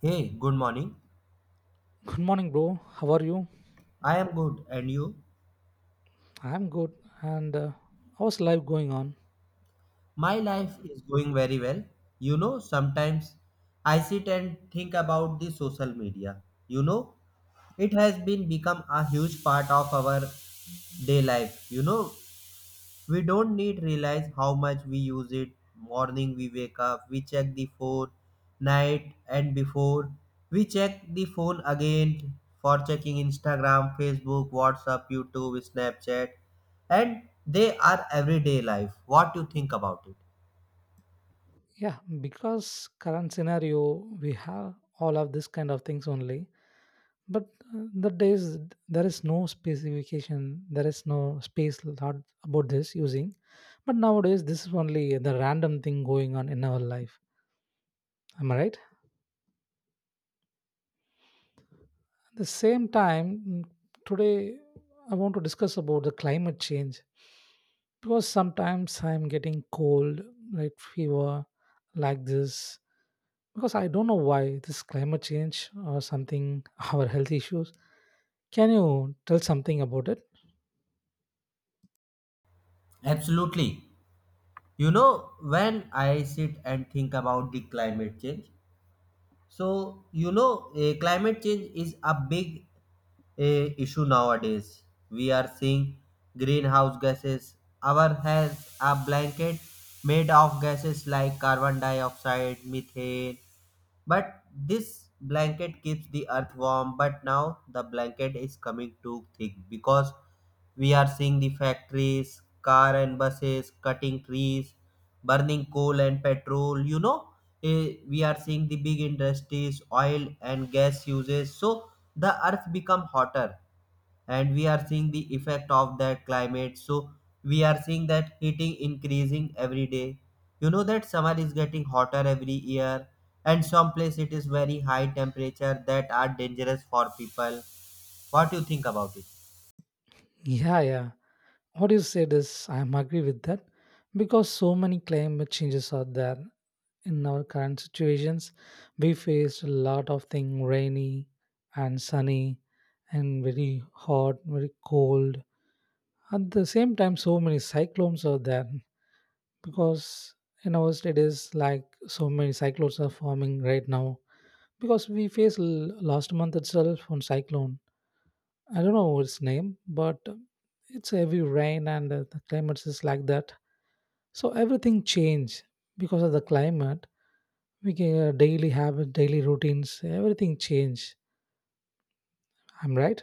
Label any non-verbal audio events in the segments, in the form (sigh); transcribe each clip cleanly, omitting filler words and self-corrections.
Hey, good morning. Good morning, bro. How are you? I am good, and you? I'm good. And How's life going on? My life is going very well. Sometimes I sit and think about the social media. You know, it has been become a huge part of our day life. We don't need realize how much we use it. Morning we wake up, we check the phone, night and before we check the phone again for checking Instagram, Facebook, WhatsApp, YouTube, Snapchat and they are everyday life. What you think about it? Yeah, because current scenario, we have all of this kind of things only. But the days there is no specification, there is no space lot about this using. But nowadays, this is only the random thing going on in our life. Am I right? The same time today I want to discuss about the climate change, because sometimes I'm getting cold, like fever, like this, because I don't know why, this climate change or something (laughs) our health issues. Can you tell something about it? Absolutely. When I sit and think about the climate change, So, climate change is a big issue nowadays. We are seeing greenhouse gases. Our has a blanket made of gases like carbon dioxide, methane, but this blanket keeps the earth warm. But now the blanket is coming too thick because we are seeing the factories, car and buses cutting trees, burning coal and petrol. We are seeing the big industries, oil and gas uses. So the earth become hotter, and we are seeing the effect of that climate, so we are seeing that heating increasing every day. You know that summer is getting hotter every year, and some place it is very high temperature that are dangerous for people. What do you think about it? Yeah, yeah, what you said is, I'm agree with that, because so many climate changes are there in our current situations. We faced a lot of thing, rainy and sunny, and very hot, very cold. At the same time, so many cyclones are there, because in our state is like so many cyclones are forming right now, because we faced last month itself one cyclone. I don't know its name, but it's heavy rain, and the climate is like that. So everything changed because of the climate. We can daily habit, daily routines, everything change. I'm right?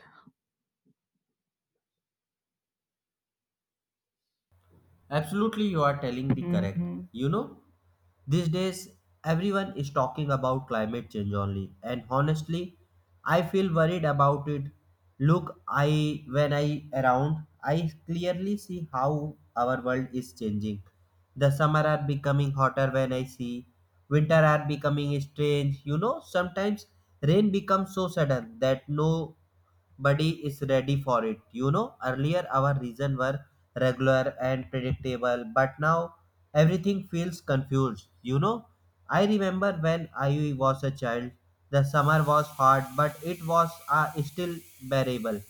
Absolutely, you are telling the correct. Hmm. You know, these days, everyone is talking about climate change only, and honestly, I feel worried about it. Look, I when I around, I clearly see how our world is changing. The summer are becoming hotter when I see, winter are becoming strange. Sometimes rain becomes so sudden that no body is ready for it. Earlier our reason were regular and predictable, but now everything feels confused, I remember when I was a child, the summer was hot, but it was still bearable.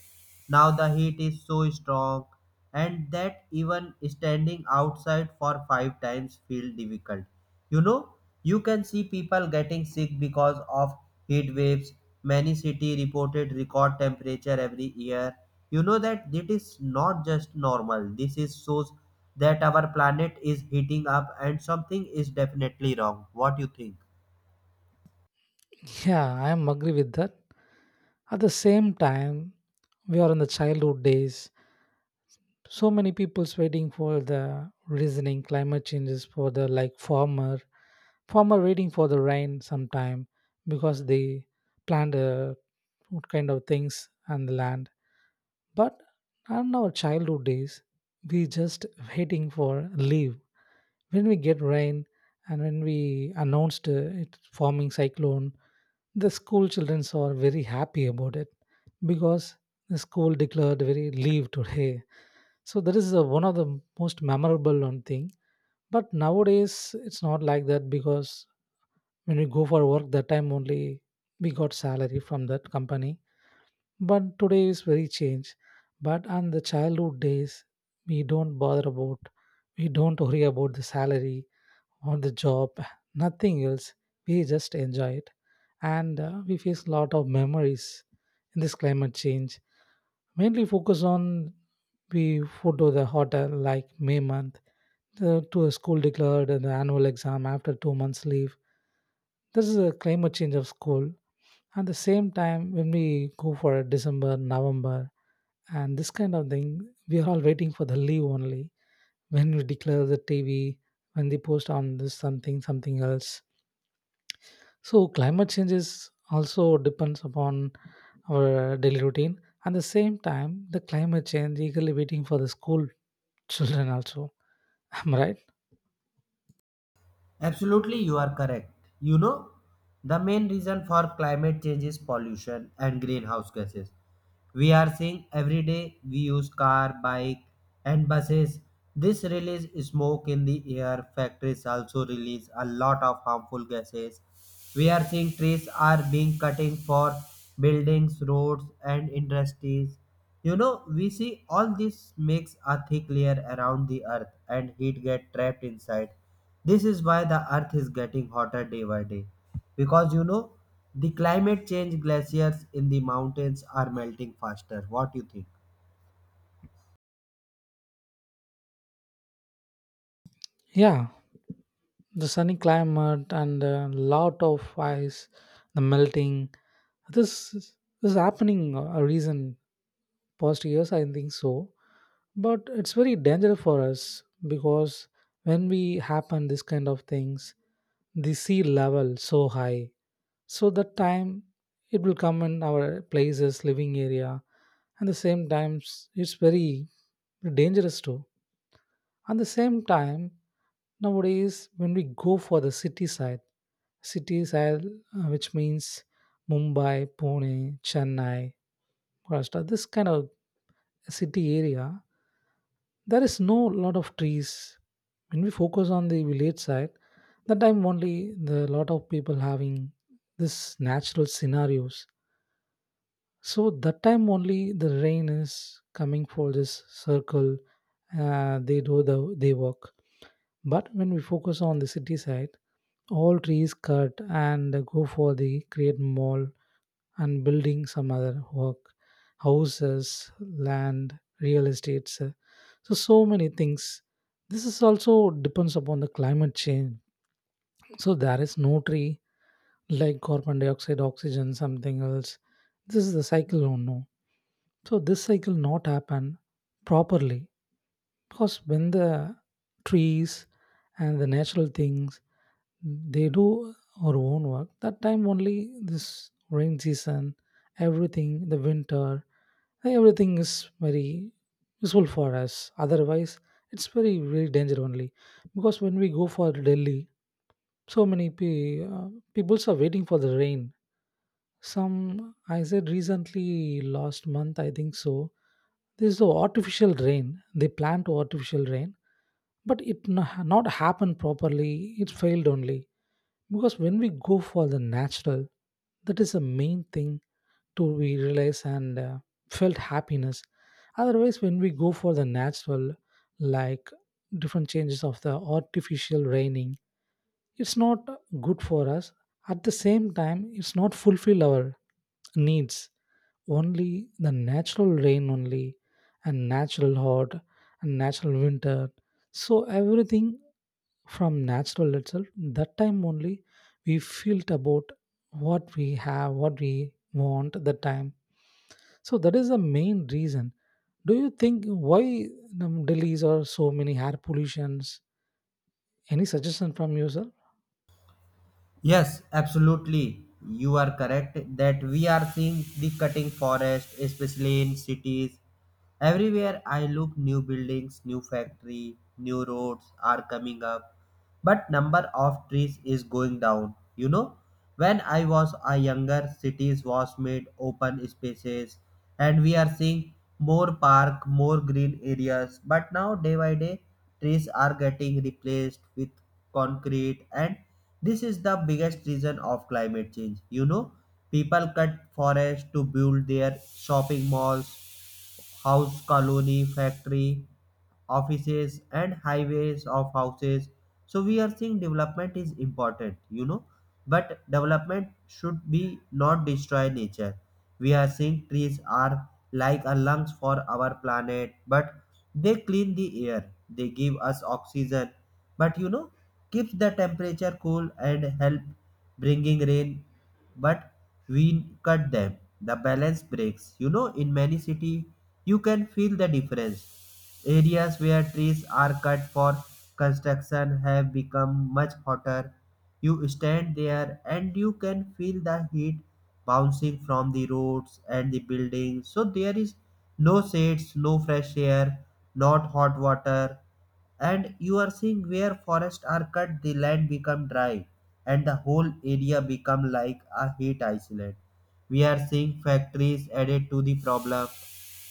Now the heat is so strong, and that even standing outside for five times feel difficult. You know, you can see people getting sick because of heat waves. Many cities reported record temperature every year. You know that it is not just normal. This is shows that our planet is heating up and something is definitely wrong. What you think? (laughs) Yeah, I'm agree with that. At the same time, we are in the childhood days, so many people's waiting for the reasoning climate changes, for the like farmer. Farmer waiting for the rain sometime, because they plant what kind of things on the land. But on our childhood days, we just waiting for leave. When we get rain and when we announced it forming cyclone, the school children are very happy about it, because the school declared very leave today. So that is one of the most memorable one thing. But nowadays it's not like that, because when we go for work, that time only we got salary from that company. But today is very changed. But on the childhood days, we don't bother about, we don't worry about the salary or the job, nothing else. We just enjoy it, and we face a lot of memories in this climate change. Mainly focus on, we go to the hotel like may month, the, to a school declared and the annual exam after 2 months leave. This is a climate change of school. At the same time, when we go for December, November, and this kind of thing, we are all waiting for the leave only. When we declare the TV, when they post on this something, something else. So climate change is also depends upon our daily routine. At the same time, the climate change eagerly waiting for the school children also. (laughs) Am I right? Absolutely, you are correct. You know, the main reason for climate change is pollution and greenhouse gases. We are seeing every day we use car, bike, and buses. This release smoke in the air. Factories also release a lot of harmful gases. We are seeing trees are being cutting for buildings, roads, and industries. We see all this makes a thick layer around the earth and heat get trapped inside. This is why the earth is getting hotter day by day. Because the climate change glaciers in the mountains are melting faster. What do you think? Yeah, the sunny climate and a lot of ice, the melting, this is happening a reason past years, I think so. But it's very dangerous for us, because when we happen this kind of things, the sea level so high. So that time it will come in our places living area, and the same times it's very dangerous too. At the same time, nowadays when we go for the city side, city side, which means Mumbai, Pune, Chennai, Maharashtra, this kind of city area, there is no lot of trees. When we focus on the village side, that time only the lot of people having this natural scenarios. So that time only the rain is coming for this circle. They do the they work. But when we focus on the city side, all trees cut and go for the create mall and building some other work, houses, land, real estates. So so many things. This is also depends upon the climate change. So there is no tree, like carbon dioxide, oxygen, something else. This is the cycle, oh no. So this cycle not happen properly, because when the trees and the natural things, they do our own work, that time only this rain season, everything, the winter, everything is very useful for us. Otherwise, it's very very danger only, because when we go for Delhi, so many peoples are waiting for the rain some. I said recently last month, I think so, this is the artificial rain. They plant artificial rain, but it not happen properly. It failed only, because when we go for the natural, that is the main thing to we realize, and felt happiness. Otherwise, when we go for the natural, like different changes of the artificial raining, it's not good for us. At the same time, it's not fulfill our needs. Only the natural rain only, and natural hot, and natural winter. So everything from natural itself, that time only we feel about what we have, what we want. That time, so that is the main reason. Do you think why, Delhi's or so many air pollutions? Any suggestion from you, sir? Yes, absolutely. You are correct that we are seeing the cutting forest, especially in cities. Everywhere I look, new buildings, new factory, new roads are coming up, but number of trees is going down. When I was a younger, cities was made open spaces, and we are seeing more park, more green areas. But now, day by day, trees are getting replaced with concrete, and this is the biggest reason of climate change. You know, people cut forest to build their shopping malls, house colony, factory, offices, and highways of houses. So we are seeing development is important. You know, but development should be not destroy nature. We are seeing trees are like a lungs for our planet, but they clean the air, they give us oxygen. But keeps the temperature cool and help bringing rain, but we cut them. The balance breaks. In many city, you can feel the difference. Areas where trees are cut for construction have become much hotter. You stand there and you can feel the heat bouncing from the roads and the buildings. So there is no shades, no fresh air, not hot water, and you are seeing where forests are cut, the land become dry and the whole area become like a heat island. We are seeing factories added to the problem.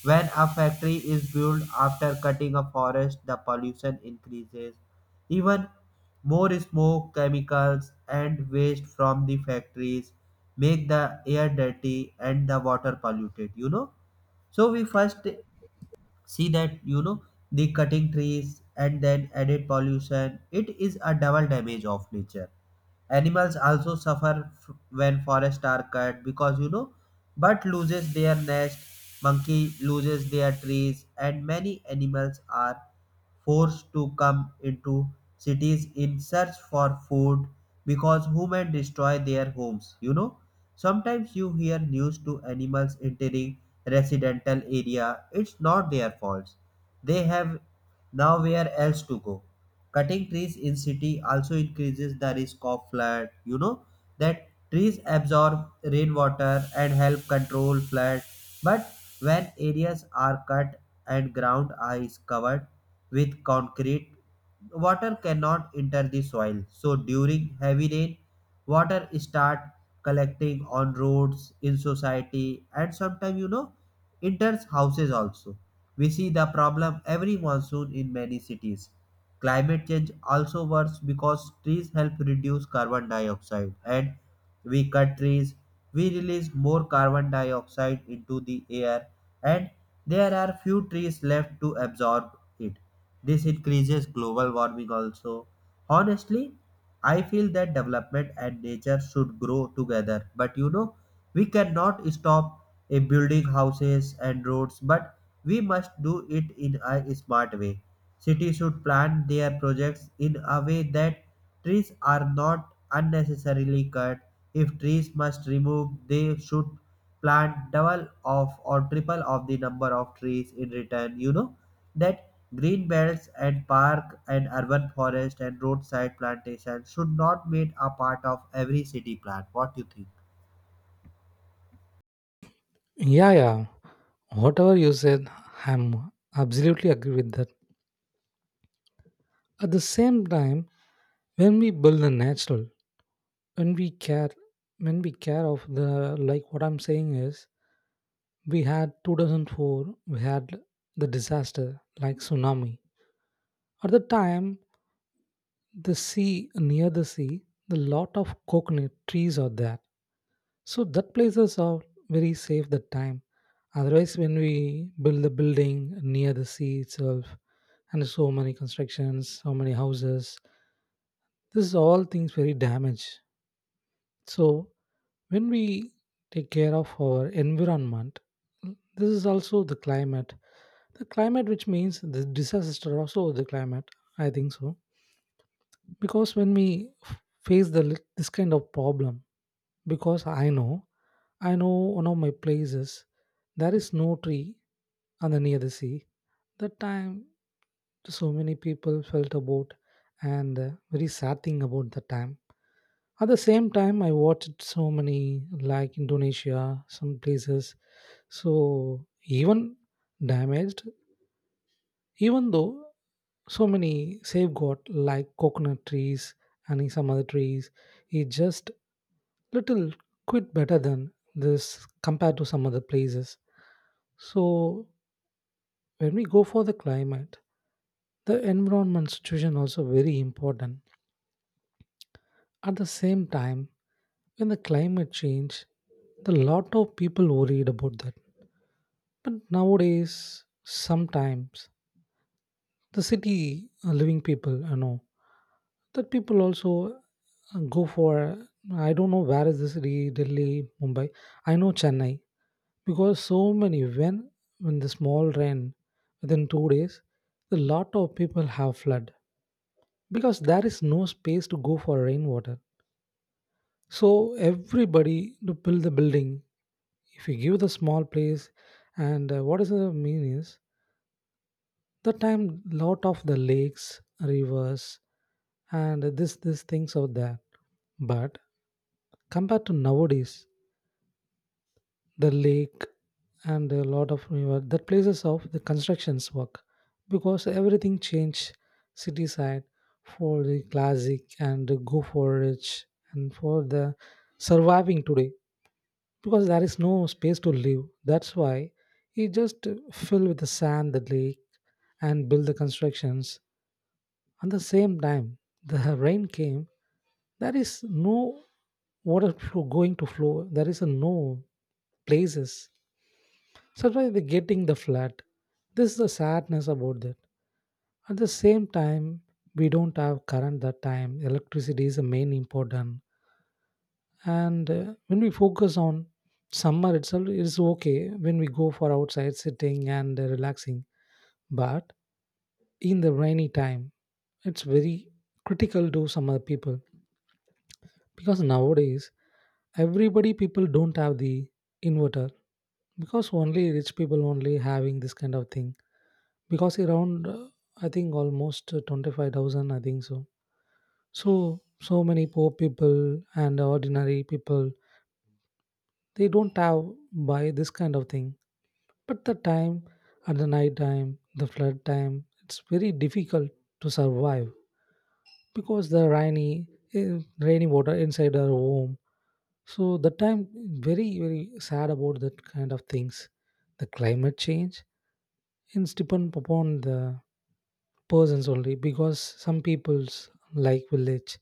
When a factory is built after cutting a forest, the pollution increases. Even more smoke, chemicals, and waste from the factories make the air dirty and the water polluted, So we first see that, the cutting trees and then added pollution, it is a double damage of nature. Animals also suffer when forests are cut because bird loses their nest, monkey loses their trees, and many animals are forced to come into cities in search for food because human destroy their homes. You know, sometimes you hear news to animals entering residential area. It's not their faults. They have now where else to go? Cutting trees in city also increases the risk of flood. You know that trees absorb rainwater and help control flood. But when areas are cut and ground is covered with concrete, water cannot enter the soil. So during heavy rain, water start collecting on roads in society, and sometimes enters houses also. We see the problem every monsoon in many cities. Climate change also works because trees help reduce carbon dioxide, and we cut trees, we release more carbon dioxide into the air, and there are few trees left to absorb it. This increases global warming also. Honestly, I feel that development and nature should grow together. But we cannot stop a building houses and roads, but we must do it in a smart way. Cities should plan their projects in a way that trees are not unnecessarily cut. If trees must remove, they should plant double of or triple of the number of trees in return. You know that green belts and park and urban forest and roadside plantation should not made a part of every city plan. What do you think? Yeah, yeah. Whatever you said, I'm absolutely agree with that. At the same time, when we build the natural, when we care, when we care of the, like what I'm saying is, we had 2004, we had the disaster like tsunami. At the time, the sea near the sea, the lot of coconut trees are there. So that places are very safe that time. Otherwise, when we build the building near the sea itself, and so many constructions, so many houses, this is all things very damaged. So when we take care of our environment, this is also the climate. The climate, which means the disaster, also the climate. I think so, because when we face the this kind of problem, because I know one of my places, there is no tree on the near the sea. That time, so many people felt about, and very sad thing about the time. At the same time, I watched so many like Indonesia, some places. So even damaged, even though so many safeguard like coconut trees and some other trees, it just little quite better than this compared to some other places. So when we go for the climate, the environment situation also very important. At the same time, when the climate change, the lot of people worried about that. But nowadays, sometimes the city living people, you know, that people also go for. I don't know where is the city, Delhi, Mumbai. I know Chennai. Because so many when the small rain within 2 days, a lot of people have flood, because there is no space to go for rainwater. So everybody to build the building, if you give the small place, and what does the mean is, the time lot of the lakes, rivers, and this things out there. But compared to nowadays, the lake and a lot of river, that places of the constructions work, because everything changed city side, for the classic and the go for rich, and for the surviving today, because there is no space to live. That's why he just fill with the sand the lake, and build the constructions. At the same time, the (laughs) rain came, there is no water flow going to flow, there is a no places, survive the getting the flat. This is the sadness about that. At the same time, we don't have current that time. Electricity is the main important. And when we focus on summer itself, it's okay when we go for outside sitting and relaxing. But in the rainy time, it's very critical to some other people, because nowadays everybody people don't have the inverter, because only rich people only having this kind of thing. Because around I think almost 25,000, I think so. So so many poor people and ordinary people, they don't have buy this kind of thing. But the time, at the night time, the flood time, it's very difficult to survive, because the rainy eh, rainy water inside our home. So the time, very very sad about that kind of things. The climate change, it's depend upon the persons only, because some peoples like village,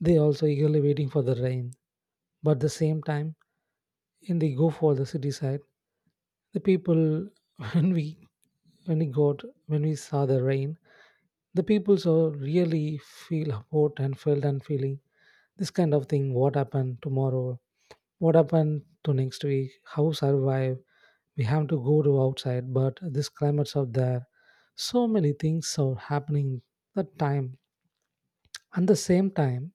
they also eagerly waiting for the rain. But the same time, in the go for the city side, the people, (laughs) when we, when we got, when we saw the rain, the people so really feel hurt and felt and feeling this kind of thing, what happened tomorrow, what happened to next week, how survive. We have to go to outside, but this climate's out there, so many things are happening that time. And the same time,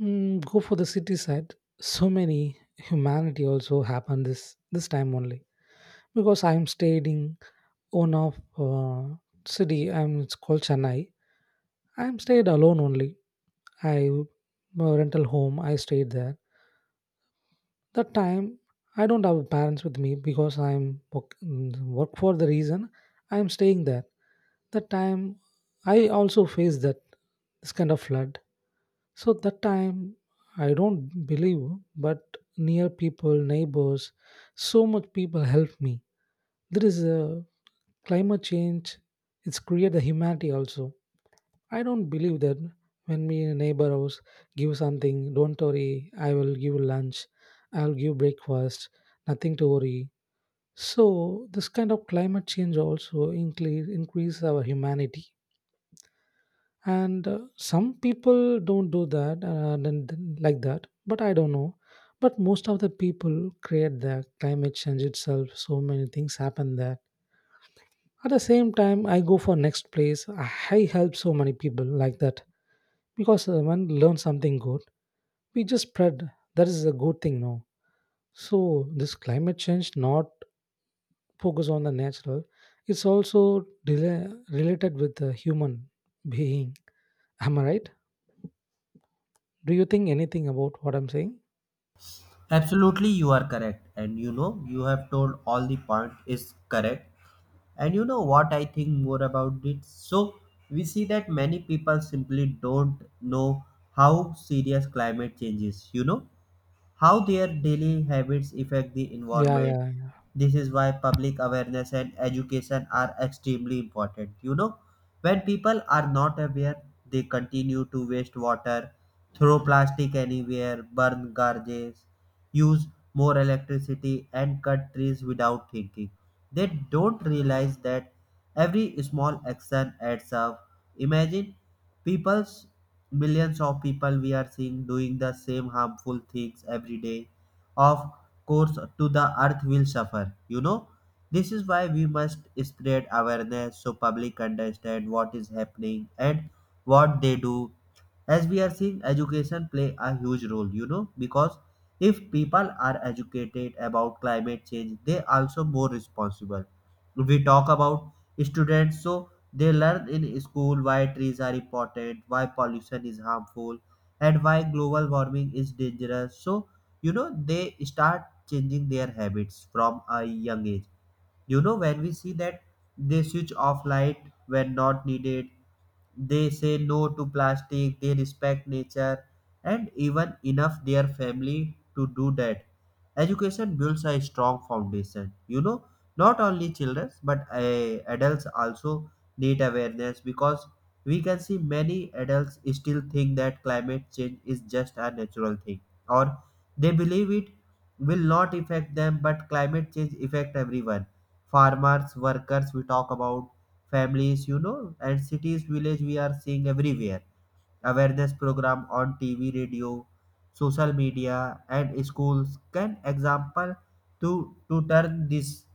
go for the city side, so many humanity also happened this, this time only. Because I'm staying in one of city, I'm, it's called Chennai, I'm stayed alone only. I rental home I stayed there. That time, I don't have parents with me, because I'm work, work for the reason I'm staying there. That time, I also faced that this kind of flood. So that time, I don't believe, but near people, neighbors, so much people helped me. There is a climate change. It's create the humanity also. I don't believe that when me in a neighbor house give something, don't worry, I will give lunch, I'll give breakfast, nothing to worry. So this kind of climate change also increase our humanity. And some people don't do that then like that, but I don't know. But most of the people create the climate change itself. So many things happen there. At the same time, I go for next place. I help so many people like that because when learn something good, we just spread. That is a good thing now. So this climate change not focus on the natural, it's also related with the human being. Am I right? Do you think anything about what I'm saying? Absolutely, you are correct, and you have told all the point is correct. And what I think more about it? So, we see that many people simply don't know how serious climate change is, How their daily habits affect the Yeah, environment. yeah, This is why public awareness and education are extremely important. When people are not aware, they continue to waste water, throw plastic anywhere, burn garages, use more electricity, and cut trees without thinking. They don't realize that every small action adds up. Imagine people's millions of people we are seeing doing the same harmful things every day. Of course to the earth will suffer. You know, this is why we must spread awareness so public understand what is happening and what they do. As we are seeing education play a huge role. You know, because if people are educated about climate change they also more responsible. We talk about students, so they learn in school why trees are important, why pollution is harmful, and why global warming is dangerous. So, they start changing their habits from a young age. When we see that they switch off light when not needed, they say no to plastic, they respect nature, and even enough their family to do that. Education builds a strong foundation. Not only children but adults also need awareness because we can see many adults still think that climate change is just a natural thing or they believe it will not affect them, but climate change affect everyone, farmers, workers. We talk about families, and cities village, we are seeing everywhere awareness program on TV, radio, social media and schools can example to to turn this.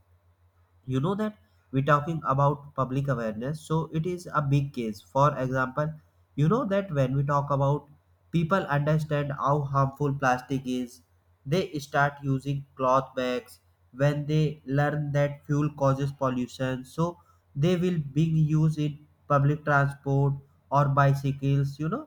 You know that we're talking about public awareness, so it is a big case. For example, you know that when we talk about people understand how harmful plastic is, they start using cloth bags. When they learn that fuel causes pollution, so they will big use it, public transport or bicycles. You know,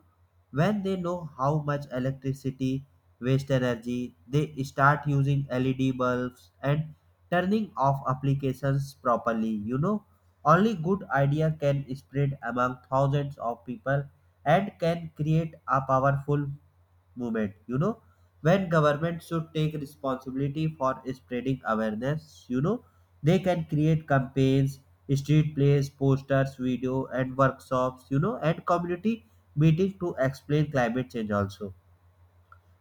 when they know how much electricity waste energy, they start using LED bulbs and turning off applications properly. You know, only good idea can spread among thousands of people and can create a powerful movement. You know, when government should take responsibility for spreading awareness. You know, they can create campaigns, street plays, posters, video and workshops, and community meeting to explain climate change also.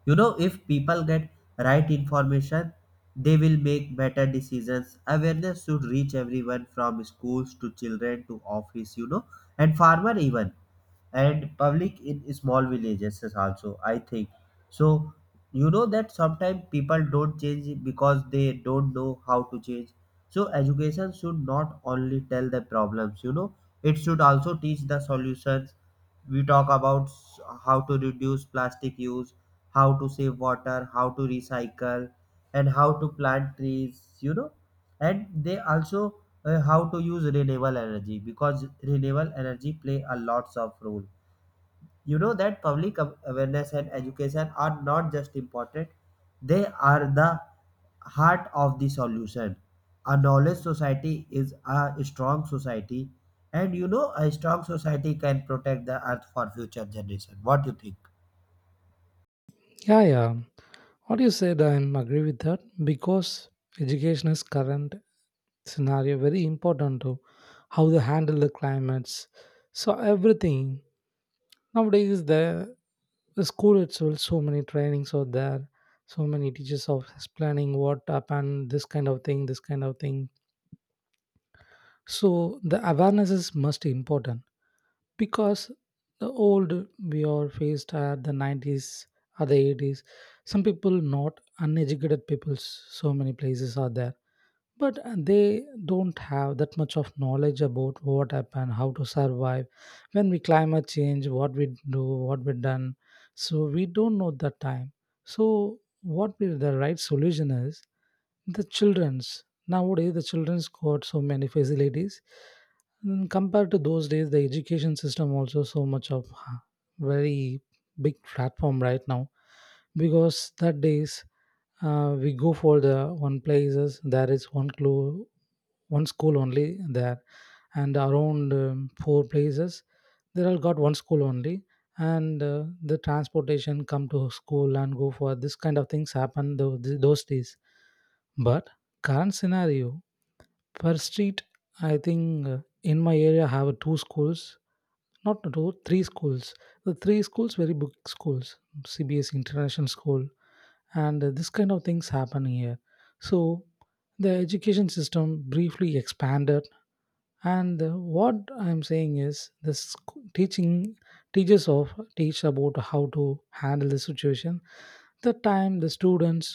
You know, if people get right information, they will make better decisions. Awareness should reach everyone from schools to children to office, and farmer even and public in small villages is also I think so. You know that sometimes people don't change because they don't know how to change. So education should not only tell the problems, it should also teach the solutions. We talk about how to reduce plastic use, how to save water, how to recycle, and how to plant trees. You know, and they also how to use renewable energy because renewable energy play a lots of role. You know that public awareness and education are not just important, they are the heart of the solution. A knowledge society is a strong society, and a strong society can protect the earth for future generation. What do you think? yeah, yeah. What you said, I am agree with that. Because education is current scenario very important to how they handle the climates. So everything nowadays is there. The school itself, so many trainings are there. So many teachers are explaining what happened, this kind of thing, this kind of thing. So the awareness is most important. Because the old, we are faced at the 90s or the 80s. Some people not uneducated peoples. So many places are there, but they don't have that much of knowledge about what happened, how to survive. When we climate change, what we do, what we done. So we don't know that time. So what will the right solution is. The children's nowadays, the children's got so many facilities. Compared to those days, the education system also so much of uh, very big platform right now. Because that days, we go for the one places. There is one clue, one school only there. And around four places, they all got one school only. And the transportation come to school and go for this kind of things happen those days. But current scenario, per street, I think in my area have two schools. Not two three schools. The three schools very big schools. CBS international school. And this kind of things happen here. So the education system briefly expanded. And what I'm saying is this teaching. Teachers of teach about how to handle the situation. The time the students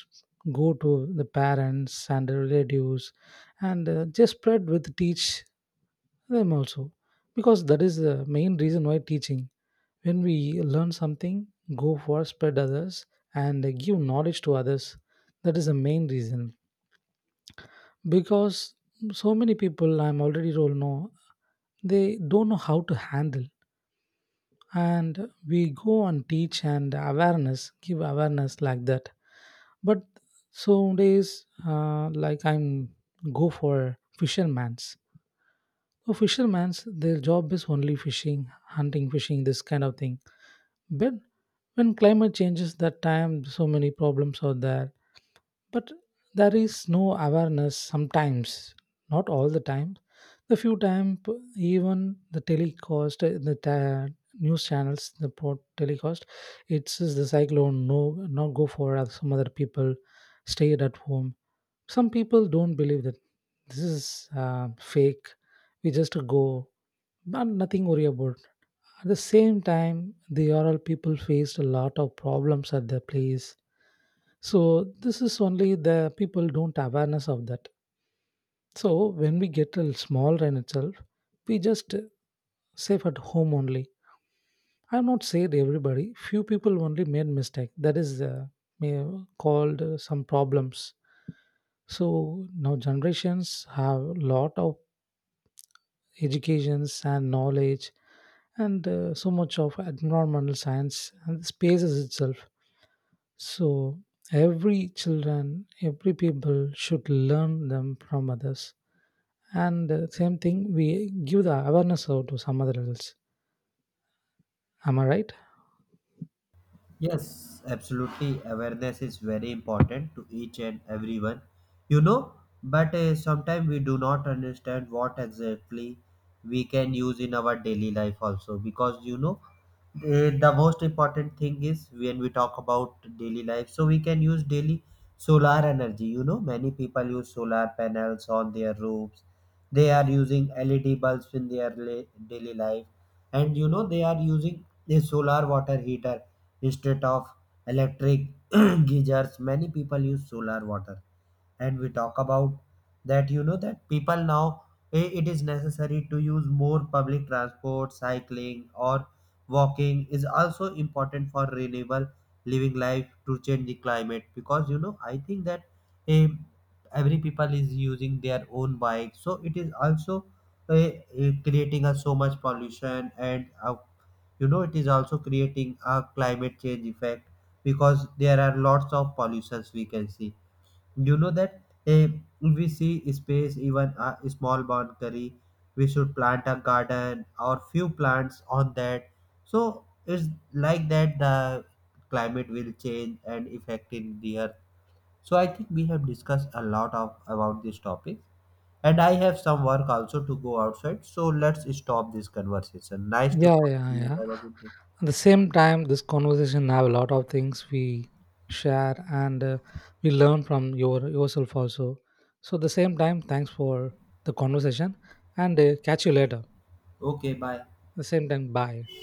go to the parents and the relatives. And just spread with teach them also. Because that is the main reason why teaching. When we learn something, go for spread others and give knowledge to others. That is the main reason. Because so many people I'm already told know, they don't know how to handle. And we go and teach and awareness, give awareness like that. But some days, like I'm go for fishermans. So fishermen's, their job is only fishing, hunting, fishing, this kind of thing. But when climate changes, that time so many problems are there. But there is no awareness sometimes, not all the time. The few time even the telecast, news channels the port telecast. It's says the cyclone, no, not go for some other people. Stay at home. Some people don't believe that this is fake. We just go, but nothing worry about. At the same time, the oral people faced a lot of problems at their place. So this is only the people don't awareness of that. So when we get a small rain itself, we just safe at home only. I'm not saying everybody. Few people only made mistake. That is may- called some problems. So now generations have lot of educations and knowledge. And so much of environmental science and spaces itself. So every children, every people should learn them from others. And same thing, we give the awareness out to some other else. Am I right? Yes, absolutely. Awareness is very important to each and everyone, you know. But sometimes we do not understand what exactly we can use in our daily life, also. Because the most important thing is when we talk about daily life, so we can use daily solar energy. Many people use solar panels on their roofs, they are using LED bulbs in their daily life, and they are using a solar water heater instead of electric (clears throat) geysers. Many people use solar water. And we talk about that, that people now it is necessary to use more public transport. Cycling or walking is also important for renewable living life to change the climate. Because I think that eh, every people is using their own bike, so it is also eh, creating a so much pollution. And it is also creating a climate change effect because there are lots of pollutions we can see. You know that eh, if we see space even a small boundary. We should plant a garden or few plants on that. So it's like that the climate will change and affecting the earth. So I think we have discussed a lot of about this topic. And I have some work also to go outside. So let's stop this conversation. Nice to Yeah, talk yeah, to you. yeah. Have a good day. At the same time, this conversation have a lot of things we share. And we learn from yourself also. So at the same time, thanks for the conversation. And catch you later. At Okay, bye. the same time, bye.